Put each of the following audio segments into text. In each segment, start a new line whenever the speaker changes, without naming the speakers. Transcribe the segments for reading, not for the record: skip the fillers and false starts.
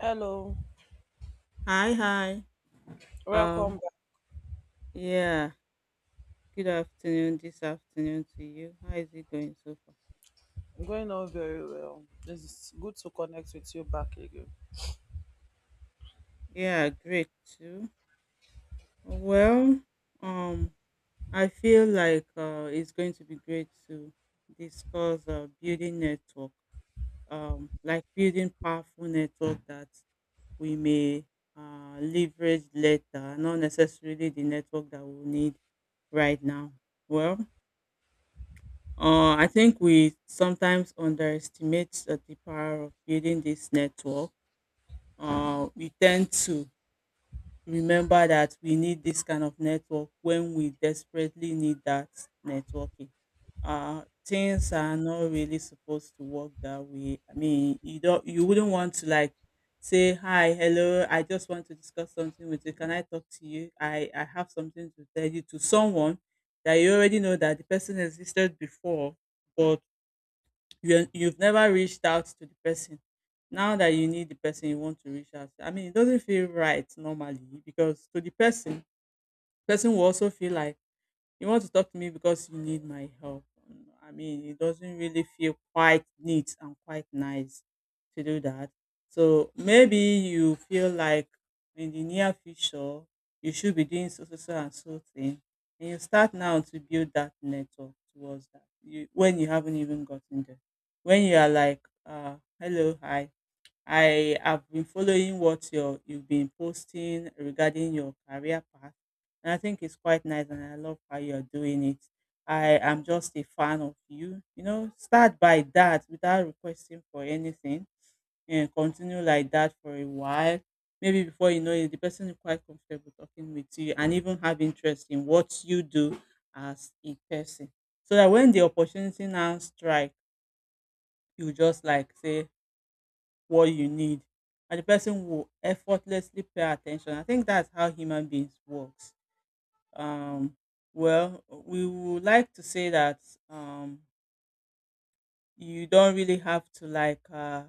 Hello,
Hi, hi.
welcome
Um,
back.
yeah, good afternoon this afternoon to you. How is it going so far?
I'm going on very well. It's good to connect with you back again.
Yeah, great too. Well, um, I feel like it's going to be great to discuss building network, like building powerful network that we may leverage later, not necessarily the network that we need right now. Well, I think we sometimes underestimate the power of building this network. We tend to remember that we need this kind of network when we desperately need that networking. Things are not really supposed to work that way. I mean, you wouldn't want to like say hi, hello. I just want to discuss something with you. Can I talk to you? I have something to tell you to someone that you already know that the person existed before, but you've never reached out to the person now that you need the person you want to reach out to. I mean, it doesn't feel right normally because to the person, will also feel like, you want to talk to me because you need my help. I mean, it doesn't really feel quite neat and quite nice to do that. So maybe you feel like in the near future, you should be doing so, so, so, and so thing. And you start now to build that network towards that when you haven't even gotten there. When you are like, hello, hi. I have been following what you've been posting regarding your career path, and I think it's quite nice, and I love how you're doing it. I am just a fan of you. You know, start by that without requesting for anything, and continue like that for a while. Maybe before you know it, the person is quite comfortable talking with you, and even have interest in what you do as a person. So that when the opportunity now strike, you just like say, what you need, and the person will effortlessly pay attention. I think that's how human beings works. um well, we would like to say that um you don't really have to like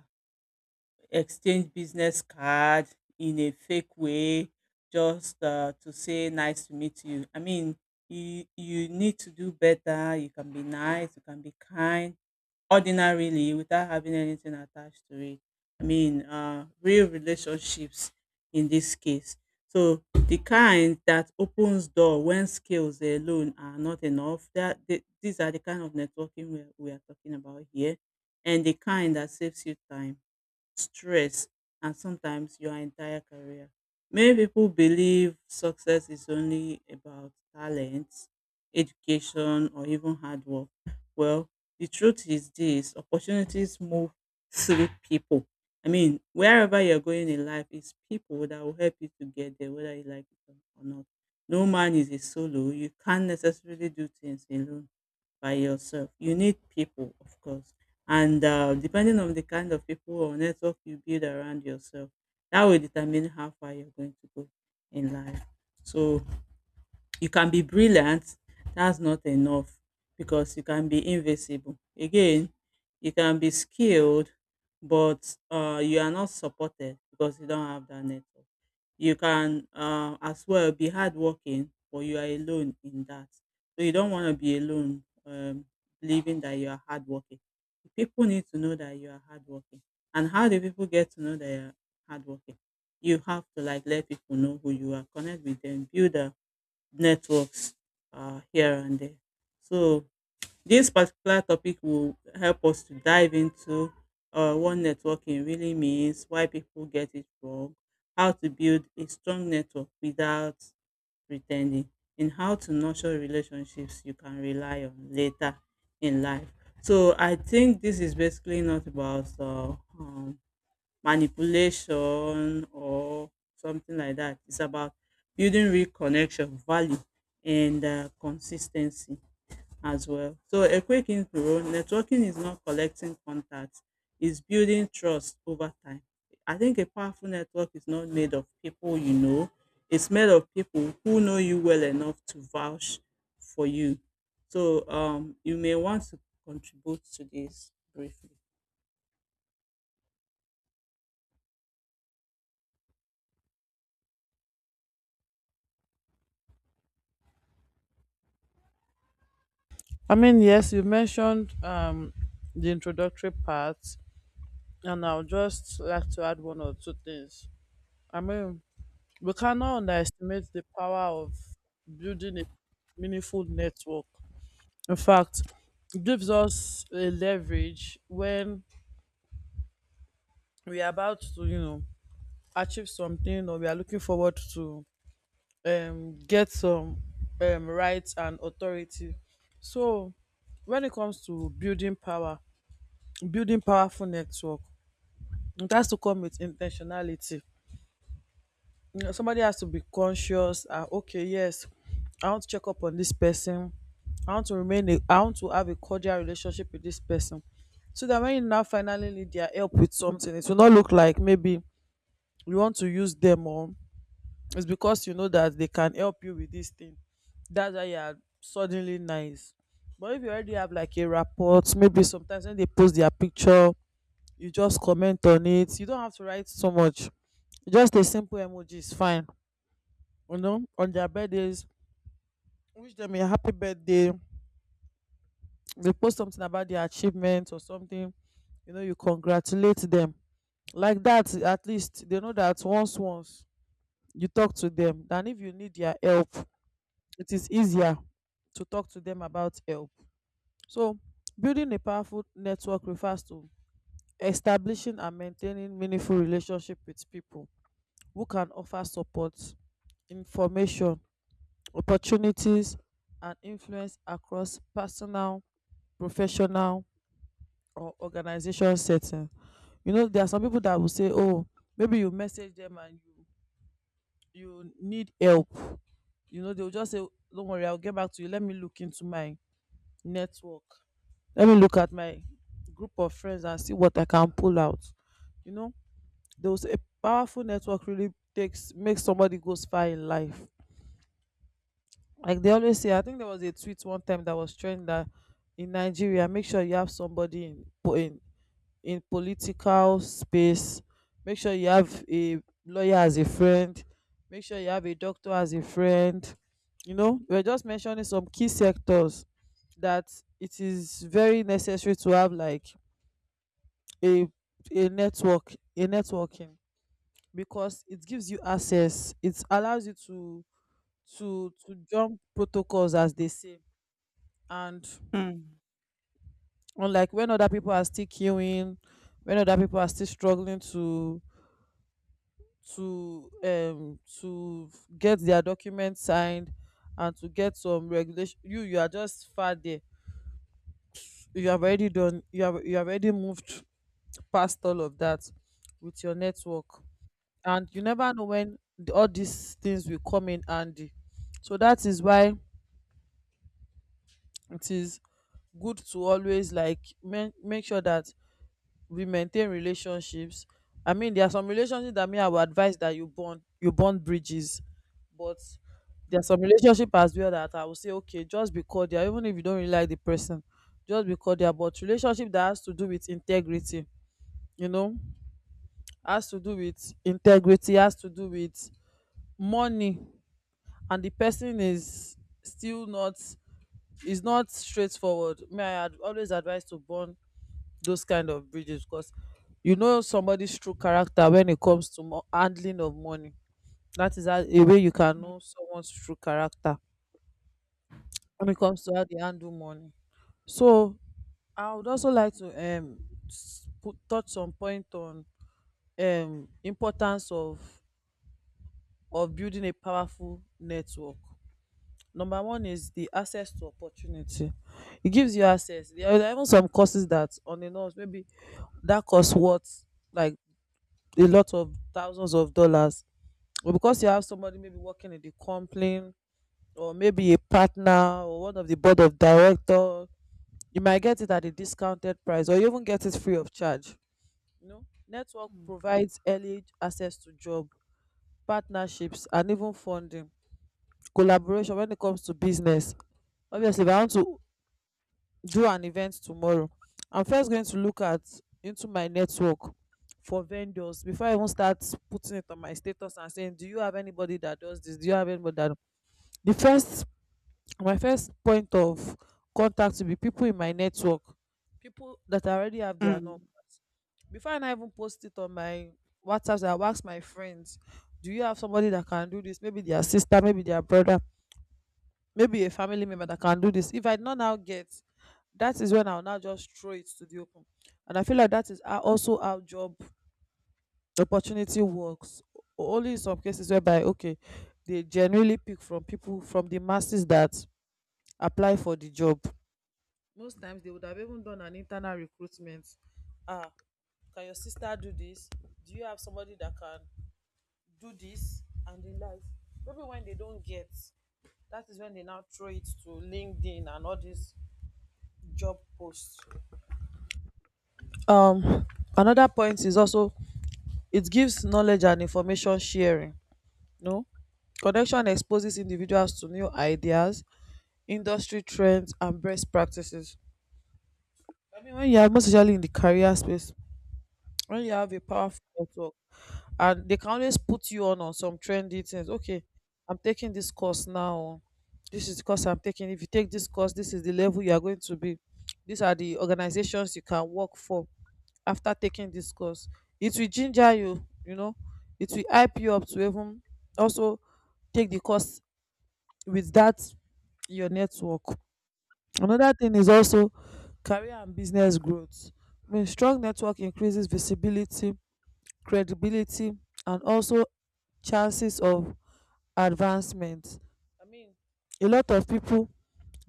exchange business card in a fake way, just to say nice to meet you. I mean, you need to do better. You can be nice, you can be kind ordinarily without having anything attached to it. I mean, real relationships in this case. So the kind that opens door when skills alone are not enough. These are the kind of networking we are talking about here, and the kind that saves you time, stress, and sometimes your entire career. Many people believe success is only about talent, education, or even hard work. Well, the truth is this, opportunities move through people. I mean, wherever you're going in life, it's people that will help you to get there, whether you like it or not. No man is a solo. You can't necessarily do things alone by yourself. You need people, of course. And depending on the kind of people or network you build around yourself, that will determine how far you're going to go in life. So you can be brilliant, that's not enough because you can be invisible. Again, you can be skilled, but you are not supported because you don't have that network. You can as well be hardworking, but you are alone in that. So you don't want to be alone, believing that you are hardworking. People need to know that you are hardworking. And how do people get to know that you are hardworking? You have to like let people know who you are, connect with them, build networks here and there. So this particular topic will help us to dive into what networking really means, why people get it wrong, how to build a strong network without pretending, and how to nurture relationships you can rely on later in life. So I think this is basically not about manipulation or something like that. It's about building real connection, value, and consistency as well. So a quick intro, networking is not collecting contacts, it's building trust over time. I think a powerful network is not made of people you know, it's made of people who know you well enough to vouch for you. So you may want to contribute to this briefly.
I mean, yes, you mentioned the introductory part, and I'll just like to add one or two things. I mean, we cannot underestimate the power of building a meaningful network. In fact, it gives us a leverage when we are about to achieve something, or we are looking forward to get some rights and authority. So when it comes to building powerful network, it has to come with in ten tionality. You know, somebody has to be conscious and okay, yes, I want to check up on this person. I want to have a cordial relationship with this person. So that when you now finally need their help with something, it will not look like maybe you want to use them, or it's because you know that they can help you with this thing. That's why you are suddenly nice. But if you already have like a rapport, maybe sometimes when they post their picture, you just comment on it. You don't have to write so much. Just a simple emoji is fine. You know, on their birthdays, wish them a happy birthday. They post something about their achievements or something. You know, you congratulate them. Like that, at least they know that once you talk to them, and if you need their help, it is easier to talk to them about help. So, building a powerful network refers to establishing and maintaining meaningful relationship with people who can offer support, information, opportunities, and influence across personal, professional, or organization setting. You know, there are some people that will say, "Oh, maybe you message them and you need help." You know, they will just say, "Don't worry, I'll get back to you. Let me look into my network." Let me look at my group of friends and see what I can pull out you know those a powerful network really takes makes somebody goes far in life. Like they always say, I think there was a tweet one time that was trending, that in Nigeria, make sure you have somebody in in political space. Make sure you have a lawyer as a friend. Make sure you have a doctor as a friend. You know, we're just mentioning some key sectors that it is very necessary to have like a a networking, because it gives you access. It allows you to jump protocols, as they say. And
Mm,
unlike when other people are still queuing, when other people are still struggling to to um to get their documents signed, and to get some regulation, you are just far there. You have already done. You have already moved past all of that with your network. And you never know when all these things will come in handy. So that is why it is good to always like make sure that we maintain relationships. I mean, there are some relationships that, me, I would advise that you bond bridges. But there are
mm,
some relationship as well that I will say, okay, just be cordial even if you don't really like the person. Just be cordial. But relationship that has to do with integrity, you know has to do with integrity, has to do with money, and the person is still not is not straightforward, me, I always advise to burn those kind of bridges. Because you know somebody's true character when it comes to handling of money. That is a way you can
mm,
know someone's true character, when it comes to how they handle money. So I would also like to s- put touch some point on importance of building a powerful network. Number one is the access to opportunity. It gives you access. There are even some courses that on the nose, maybe that course worth like a lot of thousands of dollars. But because you have somebody maybe working in the company, or maybe a partner, or one of the board of director, you might get it at a discounted price, or you even get it free of charge. You know, network provides early access to job, partnerships, and even funding. Collaboration when it comes to business: obviously, if I want to do an event tomorrow, I'm first going to look at into my network for vendors before I even start putting it on my status and saying, do you have anybody that does this, do you have anybody that the first my first point of contact will be people in my network, people that already have
mm,
their
mm,
numbers. Before I now even post it on my WhatsApp, I will ask my friends, do you have somebody that can do this, maybe their sister, maybe their brother, maybe a family member that can do this? If I not now get, that is when I'll now just throw it to the open. And I feel like that is how, also how job opportunity works. Only in some cases whereby, okay, they generally pick from people from the masses that apply for the job. Most times they would have even done an internal recruitment. ah can your sister do this? Do you have somebody that can do this, and the like? Maybe when they don't get, that is when they now throw it to LinkedIn and all these job post. um Another point is also, it gives knowledge and information sharing. No, connection exposes individuals to new ideas, industry trends, and best practices. I mean, when you are, most especially in the career space, when you have a powerful network, and they can always put you on some trendy things. Okay, I'm taking this course now. This is the course I'm taking. If you take this course, this is the level you are going to be. These are the organizations you can work for after taking this course. It will ginger you, it will hype you up to even also take the course with that your network. Another thing is also career and business growth. I mean, strong network increases visibility, credibility, and also chances of advancement. I mean, a lot of people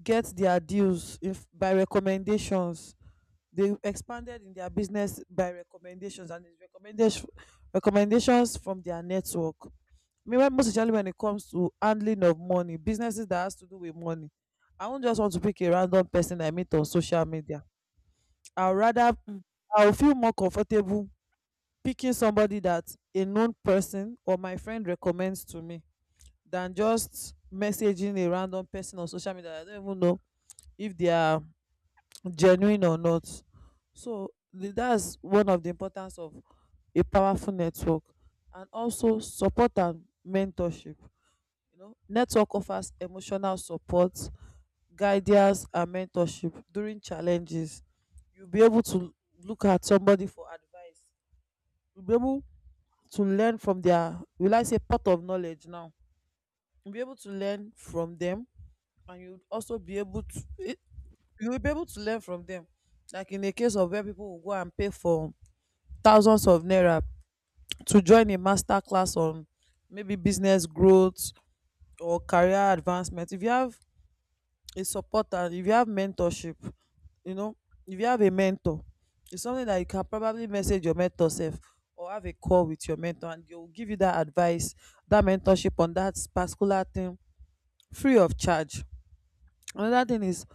get their deals if by recommendations. They expanded in their business by recommendations, and it's recommendations from their network. Meanwhile, most especially when it comes to handling of money, businesses that has to do with money, I won't just want to pick a random person I meet on social media. I'll rather
mm,
I'll feel more comfortable picking somebody that a known person or my friend recommends to me than just messaging a random person on social media that I don't even know if they are genuine or not. So that's one of the importance of a powerful network, and also support and mentorship. You know, network offers emotional support, guidance, and mentorship during challenges. You'll be able to look at somebody for advice. You'll be able to learn from their, will I say, pot of knowledge now. You'll be able to learn from them, and to you will be able to learn from them, like in the case of where people will go and pay for thousands of naira to join a master class on maybe business growth or career advancement. If you have a supporter, if you have mentorship, you know if you have a mentor, it's something that you can probably message your mentor self, or have a call with your mentor, and they'll give you that advice, that mentorship, on that particular thing, free of charge. Another thing is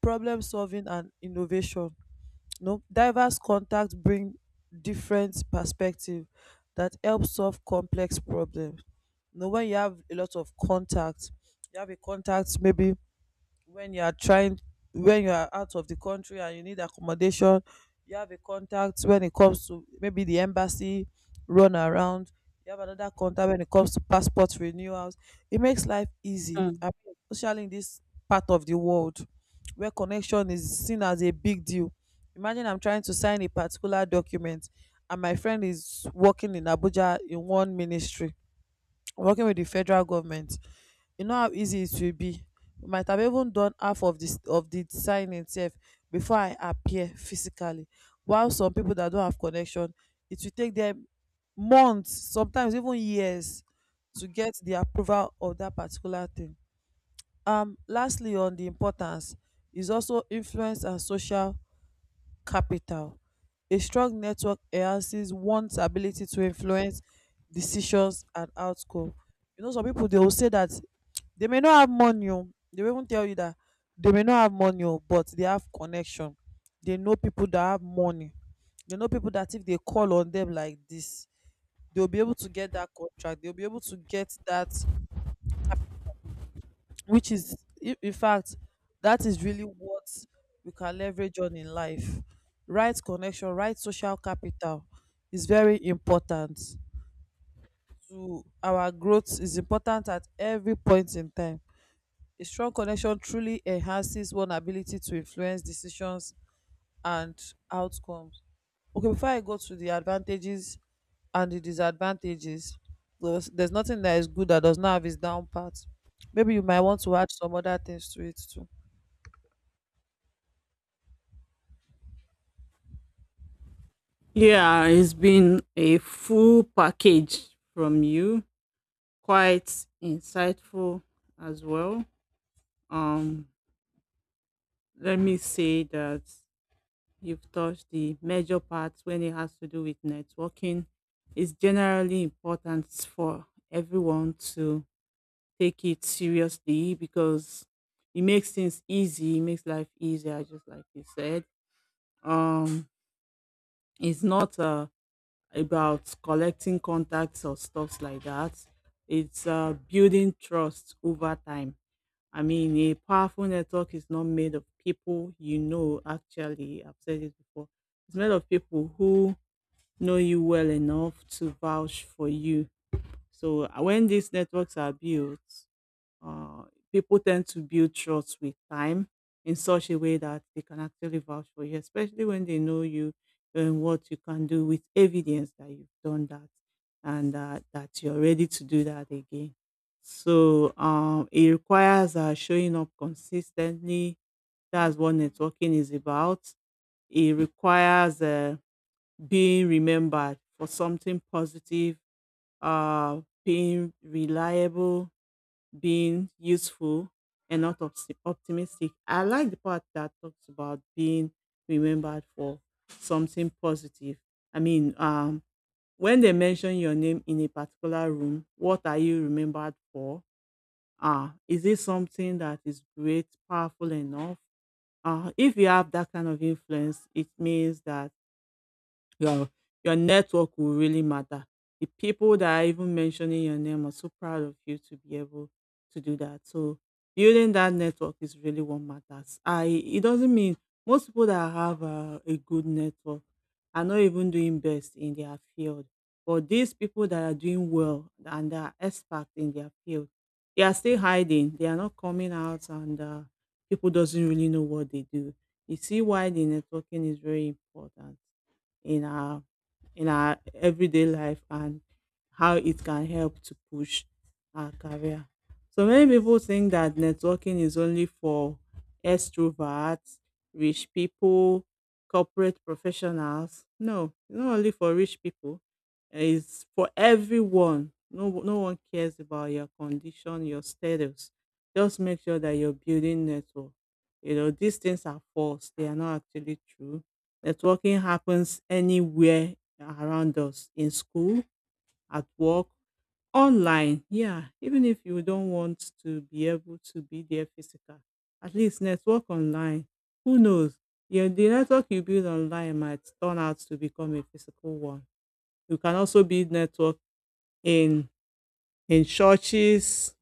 problem solving and innovation. You know, diverse contact bring different perspective that help solve complex problems. You know, when you have a lot of contact, you have a contact maybe when you are trying when you are out of the country and you need accommodation. You have a contact when it comes to maybe the embassy run around. You have another contact when it comes to passport renewals. It makes life easy.
mm.
I mean, especially in this part of the world where connection is seen as a big deal. Imagine I'm trying to sign a particular document, and my friend is working in Abuja in one ministry, working with the federal government. You know how easy it will be. We might have even done half of the design itself before I appear physically. While some people that don't have connection, it will take them months, sometimes even years, to get the approval of that particular thing. Lastly, on the importance is also influence and social capital. A strong network enhances one's ability to influence decisions and outcome. You know, some people they will say that they may not have money, oh, they will even tell you that they may not have money, oh, but they have connection. They know people that have money. They know people that if they call on them like this, they'll be able to get that contract. They'll be able to get that which is in fact that is really what we can leverage on in life, right? Connection, right? Social capital is very important to our growth, is important at every point in time. A strong connection truly enhances one ability to influence decisions and outcomes. Okay, before I go to the advantages and the disadvantages, there's nothing that is good that does not have its down part. Maybe you might want to add some other things to it too.
Yeah, it's been a full package from you, quite insightful as well. Um, Let me say that you've touched the major parts when it has to do with networking. It's generally important for everyone to take it seriously because it makes things easy, it makes life easier, just like you said. Um, it's not about collecting contacts or stuffs like that. It's building trust over time. I mean, a powerful network is not made of people you know, actually. I've said it before. It's made of people who know you well enough to vouch for you. So when these networks are built, uh, people tend to build trust with time in such a way that they can actually vouch for you, especially when they know you and what you can do with evidence that you've done that, and that you're ready to do that again. So it requires showing up consistently. That's what networking is about. It requires being remembered for something positive, being reliable, being useful, and not optimistic. I like the part that talks about being remembered for something positive. I mean, when they mention your name in a particular room, what are you remembered for? Is it something that is great, powerful enough? If you have that kind of influence, it means that, well, your network will really matter. The people that are even mentioning your name are so proud of you to be able to do that. So building that network is really what matters. I It doesn't mean most people that have a good network are not even doing best in their field. But these people that are doing well and that are experts in their field, they are still hiding. They are not coming out, and people doesn't really know what they do. You see why the networking is very important in our in our everyday life and how it can help to push our career. So many people think that networking is only for extroverts, rich people, corporate professionals. No, it's not only for rich people. It's for everyone. No, no one cares about your condition, your status. Just make sure that you're building network. You know, these things are false. They are not actually true. Networking happens anywhere around us, in school, at work, online. Yeah, even if you don't want to be able to be there physical, at least network online. Who knows? Yeah, the network you build online might turn out to become a physical one. You can also build network in in churches,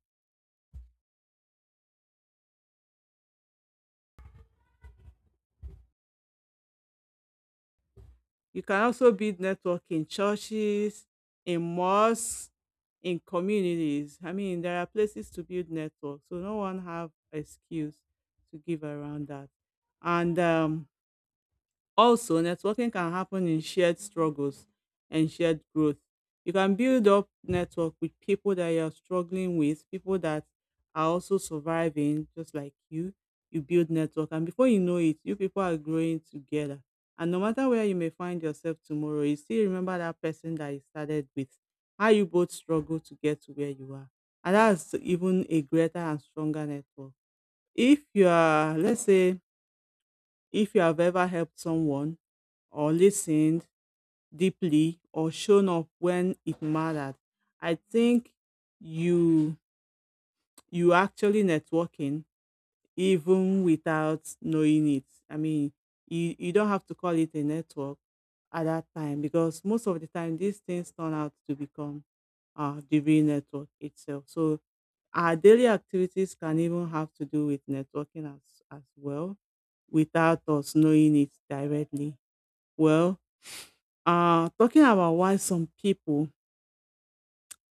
You can also build network in churches, in mosques, in communities. I mean, there are places to build network, so no one have excuse to give around that. And also, networking can happen in shared struggles and shared growth. You can build up network with people that you're struggling with, people that are also surviving just like you. You build network and before you know it, you people are growing together. And no matter where you may find yourself tomorrow, you still remember that person that you started with, how you both struggle to get to where you are. And that's even a greater and stronger network. If you are, let's say, if you have ever helped someone or listened deeply or shown up when it mattered, I think you you actually networking even without knowing it. I mean, you don't have to call it a network at that time, because most of the time these things turn out to become the real network itself. So our daily activities can even have to do with networking as well without us knowing it directly. Well, talking about why some people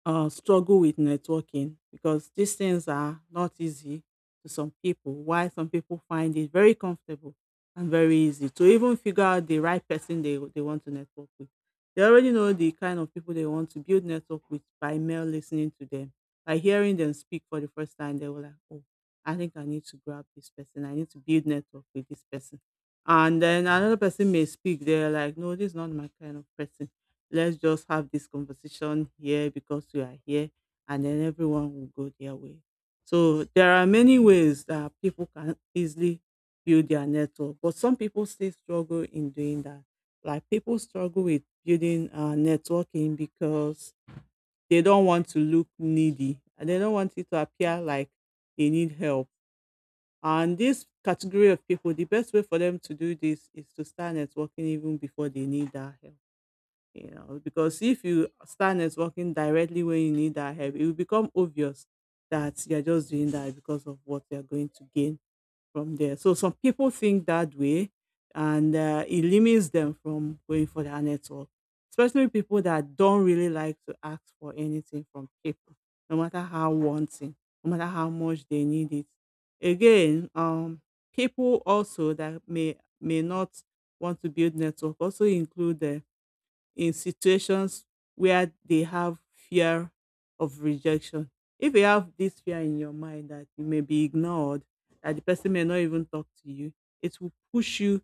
struggle with networking, because these things are not easy to some people. Why some people find it very comfortable and very easy to even figure out the right person they want to network with. They already know the kind of people they want to build network with by mere listening to them. By hearing them speak for the first time, they were like, oh, I think I need to grab this person. I need to build network with this person. And then another person may speak. They're like, no, this is not my kind of person, let's just have this conversation here because you are here and then everyone will go their way. So there are many ways that people can easily build their network, but some people still struggle in doing that. Like, people struggle with building networking because they don't want to look needy and they don't want it to appear like they need help. And this category of people, the best way for them to do this is to start networking even before they need that help. You know, because if you start networking directly when you need that help, it will become obvious that you're just doing that because of what you're going to gain from there. So some people think that way, and it limits them from going for their network, especially people that don't really like to ask for anything from people, no matter how wanting, no matter how much they need it. Again, people also that may not want to build network also include in situations where they have fear of rejection. If you have this fear in your mind that you may be ignored, that the person may not even talk to you, it will push you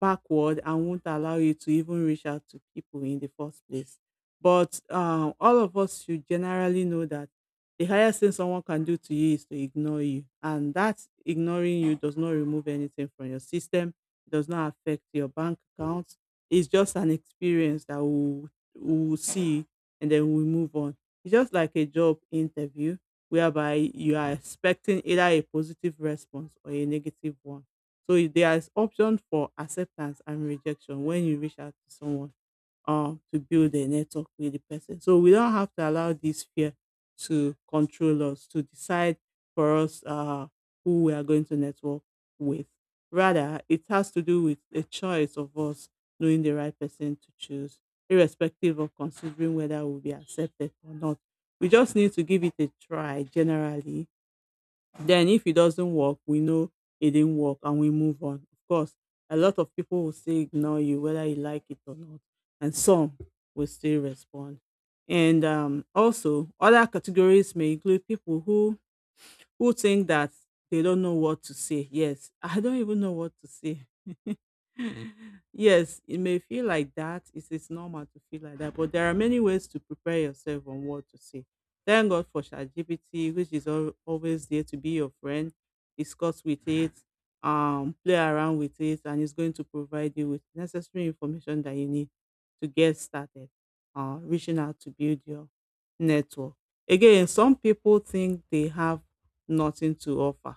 backward and won't allow you to even reach out to people in the first place. But all of us should generally know that the highest thing someone can do to you is to ignore you. And that ignoring you does not remove anything from your system, it does not affect your bank account. It's just an experience that we'll see, and then we move on. It's just like a job interview whereby you are expecting either a positive response or a negative one. So there is option for acceptance and rejection when you reach out to someone to build a network with the person. So we don't have to allow this fear to control us, to decide for us who we are going to network with. Rather, it has to do with a choice of us knowing the right person to choose, irrespective of considering whether we'll be accepted or not. We just need to give it a try generally, then if it doesn't work, we know it didn't work and we move on. Of course, a lot of people will still ignore you whether you like it or not, and some will still respond. And also, other categories may include people who think that they don't know what to say. Yes, I don't even know what to say. Yes, it may feel like that. It's normal to feel like that, but there are many ways to prepare yourself on what to say. Thank God for ChatGPT, which is always there to be your friend. Discuss with it, play around with it, and it's going to provide you with necessary information that you need to get started. Reaching out to build your network. Again, some people think they have nothing to offer.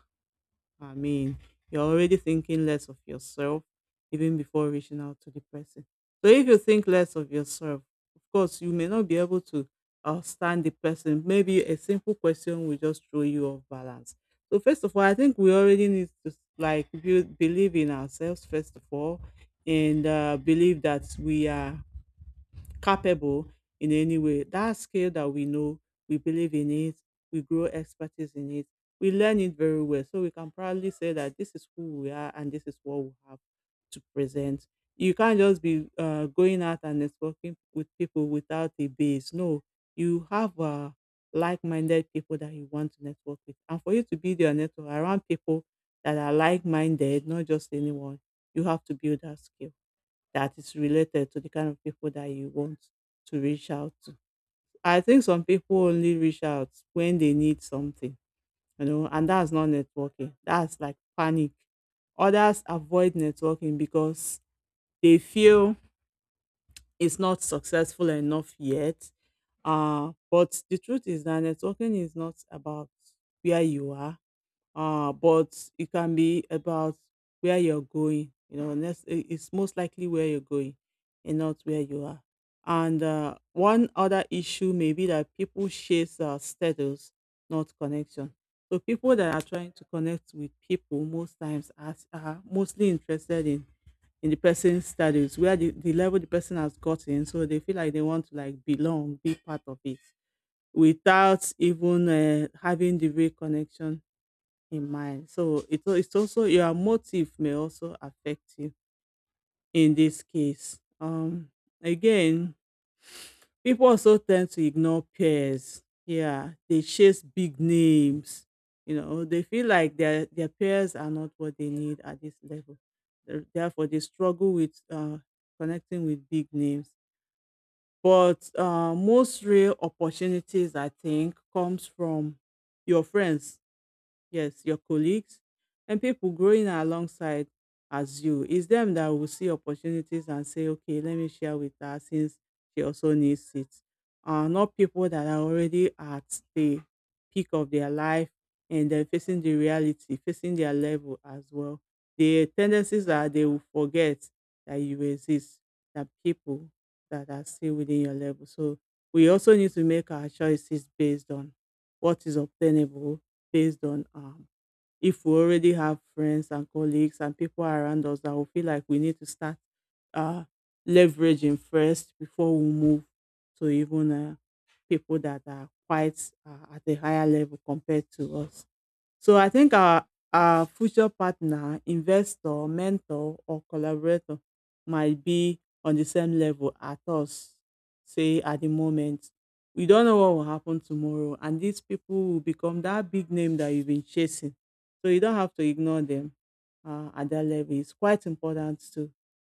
I mean, you're already thinking less of yourself even before reaching out to the person. So if you think less of yourself, of course, you may not be able to understand the person. Maybe a simple question will just throw you off balance. So first of all, I think we already need to like build, believe in ourselves first of all, and believe that we are capable in any way. That skill that we know, we believe in it, we grow expertise in it, we learn it very well. So we can proudly say that this is who we are and this is what we have to present. You can't just be going out and networking with people without a base. No, you have like minded people that you want to network with. And for you to build your network around people that are like minded, not just anyone, you have to build that skill that is related to the kind of people that you want to reach out to. I think some people only reach out when they need something, you know, and that's not networking. That's like panic. Others avoid networking because they feel it's not successful enough yet. But the truth is that networking is not about where you are, but it can be about where you're going. You know, next, it's most likely where you're going and not where you are. And one other issue may be that people chase status, not connection. So people that are trying to connect with people most times are mostly interested in the person's status, where the level the person has gotten. So they feel like they want to like belong, be part of it, without even having the real connection in mind. So it, it's also your motive may also affect you in this case. Again, people also tend to ignore peers. Yeah, they chase big names. You know, they feel like their peers are not what they need at this level. Therefore, they struggle with connecting with big names. But most real opportunities, I think, comes from your friends, yes, your colleagues and people growing alongside as you. It's them that will see opportunities and say, okay, let me share with her since she also needs it. Not people that are already at the peak of their life and they're facing the reality, facing their level as well. The tendencies are they will forget that you exist, that people that are still within your level. So we also need to make our choices based on what is obtainable, based on if we already have friends and colleagues and people around us that we feel like we need to start uh, leveraging first before we move to even people that are quite at a higher level compared to us. So I think our future partner, investor, mentor, or collaborator might be on the same level at us, say at the moment. We don't know what will happen tomorrow, and these people will become that big name that you've been chasing. So you don't have to ignore them at that level. It's quite important to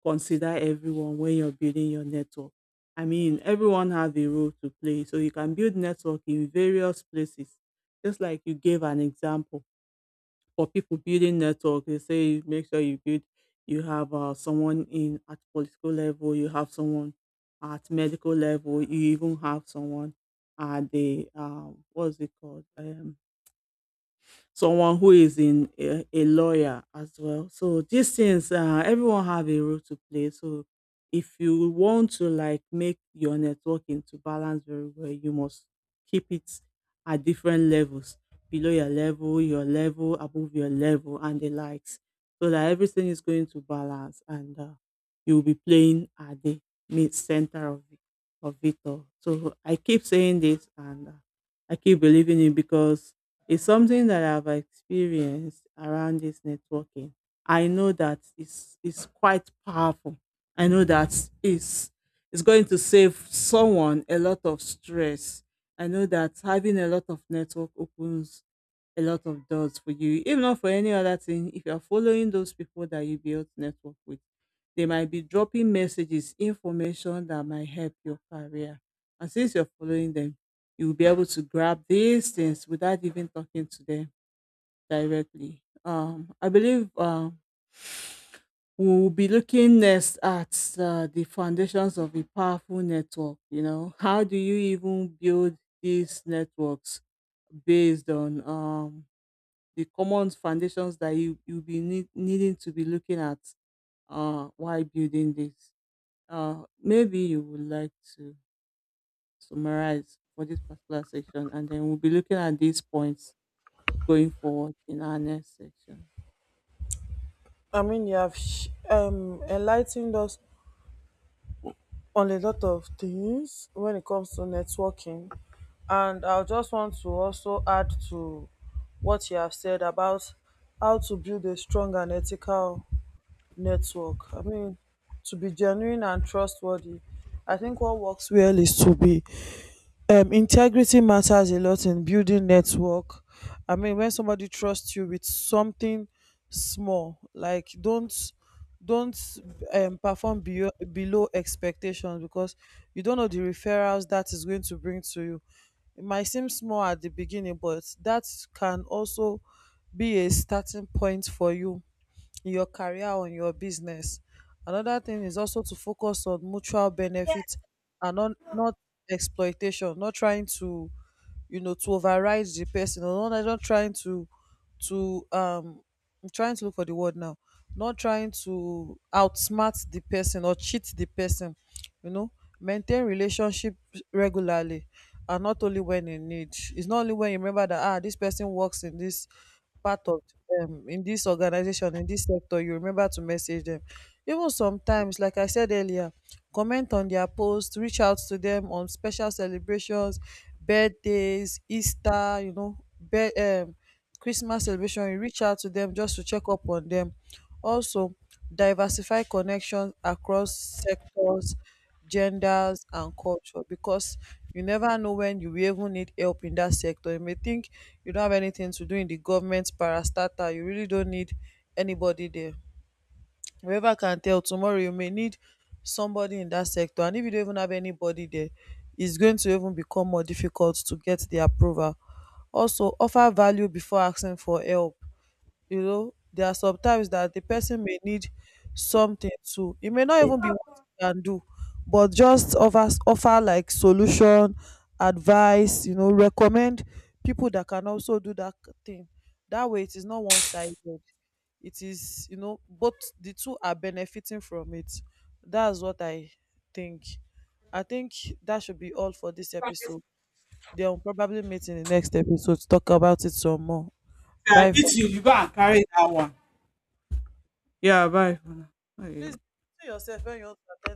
consider everyone when you're building your network. I mean, everyone has a role to play, so you can build network in various places. Just like you gave an example, for people building network, they say you make sure you build, you have someone in at political level, you have someone at medical level, you even have someone at the what's it called? Someone who is in a lawyer as well. So these things, everyone have a role to play. So if you want to like make your networking to balance very well, you must keep it at different levels, below your level, above your level, and the likes, so that everything is going to balance and you'll be playing at the mid center of it all. So I keep saying this and. I keep believing it because it's something that I've experienced around this networking. I know that it's quite powerful. I know that it's it's going to save someone a lot of stress. I know that having a lot of network opens a lot of doors for you, if not for any other thing. If you're following those people that you build network with, they might be dropping messages, information that might help your career. And since you're following them, you will be able to grab these things without even talking to them directly. I believe we will be looking next at the foundations of a powerful network. You know, how do you even build these networks based on the common foundations that you'll be needing to be looking at while building this? Maybe you would like to summarize for this particular section, and then we'll be looking at these points going forward in our next section.
I mean, you have enlightened us on a lot of things when it comes to networking. And I just want to also add to what you have said about how to build a strong and ethical network. I mean, to be genuine and trustworthy, I think what works well is to be integrity matters a lot in building network. I mean, when somebody trusts you with something small, like don't perform below expectations, because you don't know the referrals that is going to bring to you. It might seem small at the beginning, but that can also be a starting point for you in your career or in your business. Another thing is also to focus on mutual benefit and not exploitation, not trying to, you know, to override the person, or not trying to, to, um, I'm trying to look for the word now, not trying to outsmart the person or cheat the person, you know. Maintain relationship regularly and not only when in need. It's not only when you remember that, ah, this person works in this part of in this organization, in this sector, you remember to message them. Even sometimes, like I said earlier, comment on their post, reach out to them on special celebrations, birthdays, Easter, you know, be- um, Christmas celebration. You reach out to them just to check up on them. Also, diversify connections across sectors, genders, and culture, because you never know when you will even need help in that sector. You may think you don't have anything to do in the government parastatal, you really don't need anybody there. Whoever can tell tomorrow, you may need somebody in that sector. And if you don't even have anybody there, it's going to even become more difficult to get the approval. Also, offer value before asking for help. You know, there are sometimes that the person may need something to, it may not even be what you can do, but just offer, like, solution, advice, you know, recommend people that can also do that thing. That way it is not one-sided, it is, you know, both, the two are benefiting from it. That's what think I think that should be all for this
If
episode. They'll probably meet in the next episode to talk about it some more.
I
Bye for...
eat you, are eating, you go and carry that one. Yeah, bye for now.
Please
Okay.
do yourself when you want to attend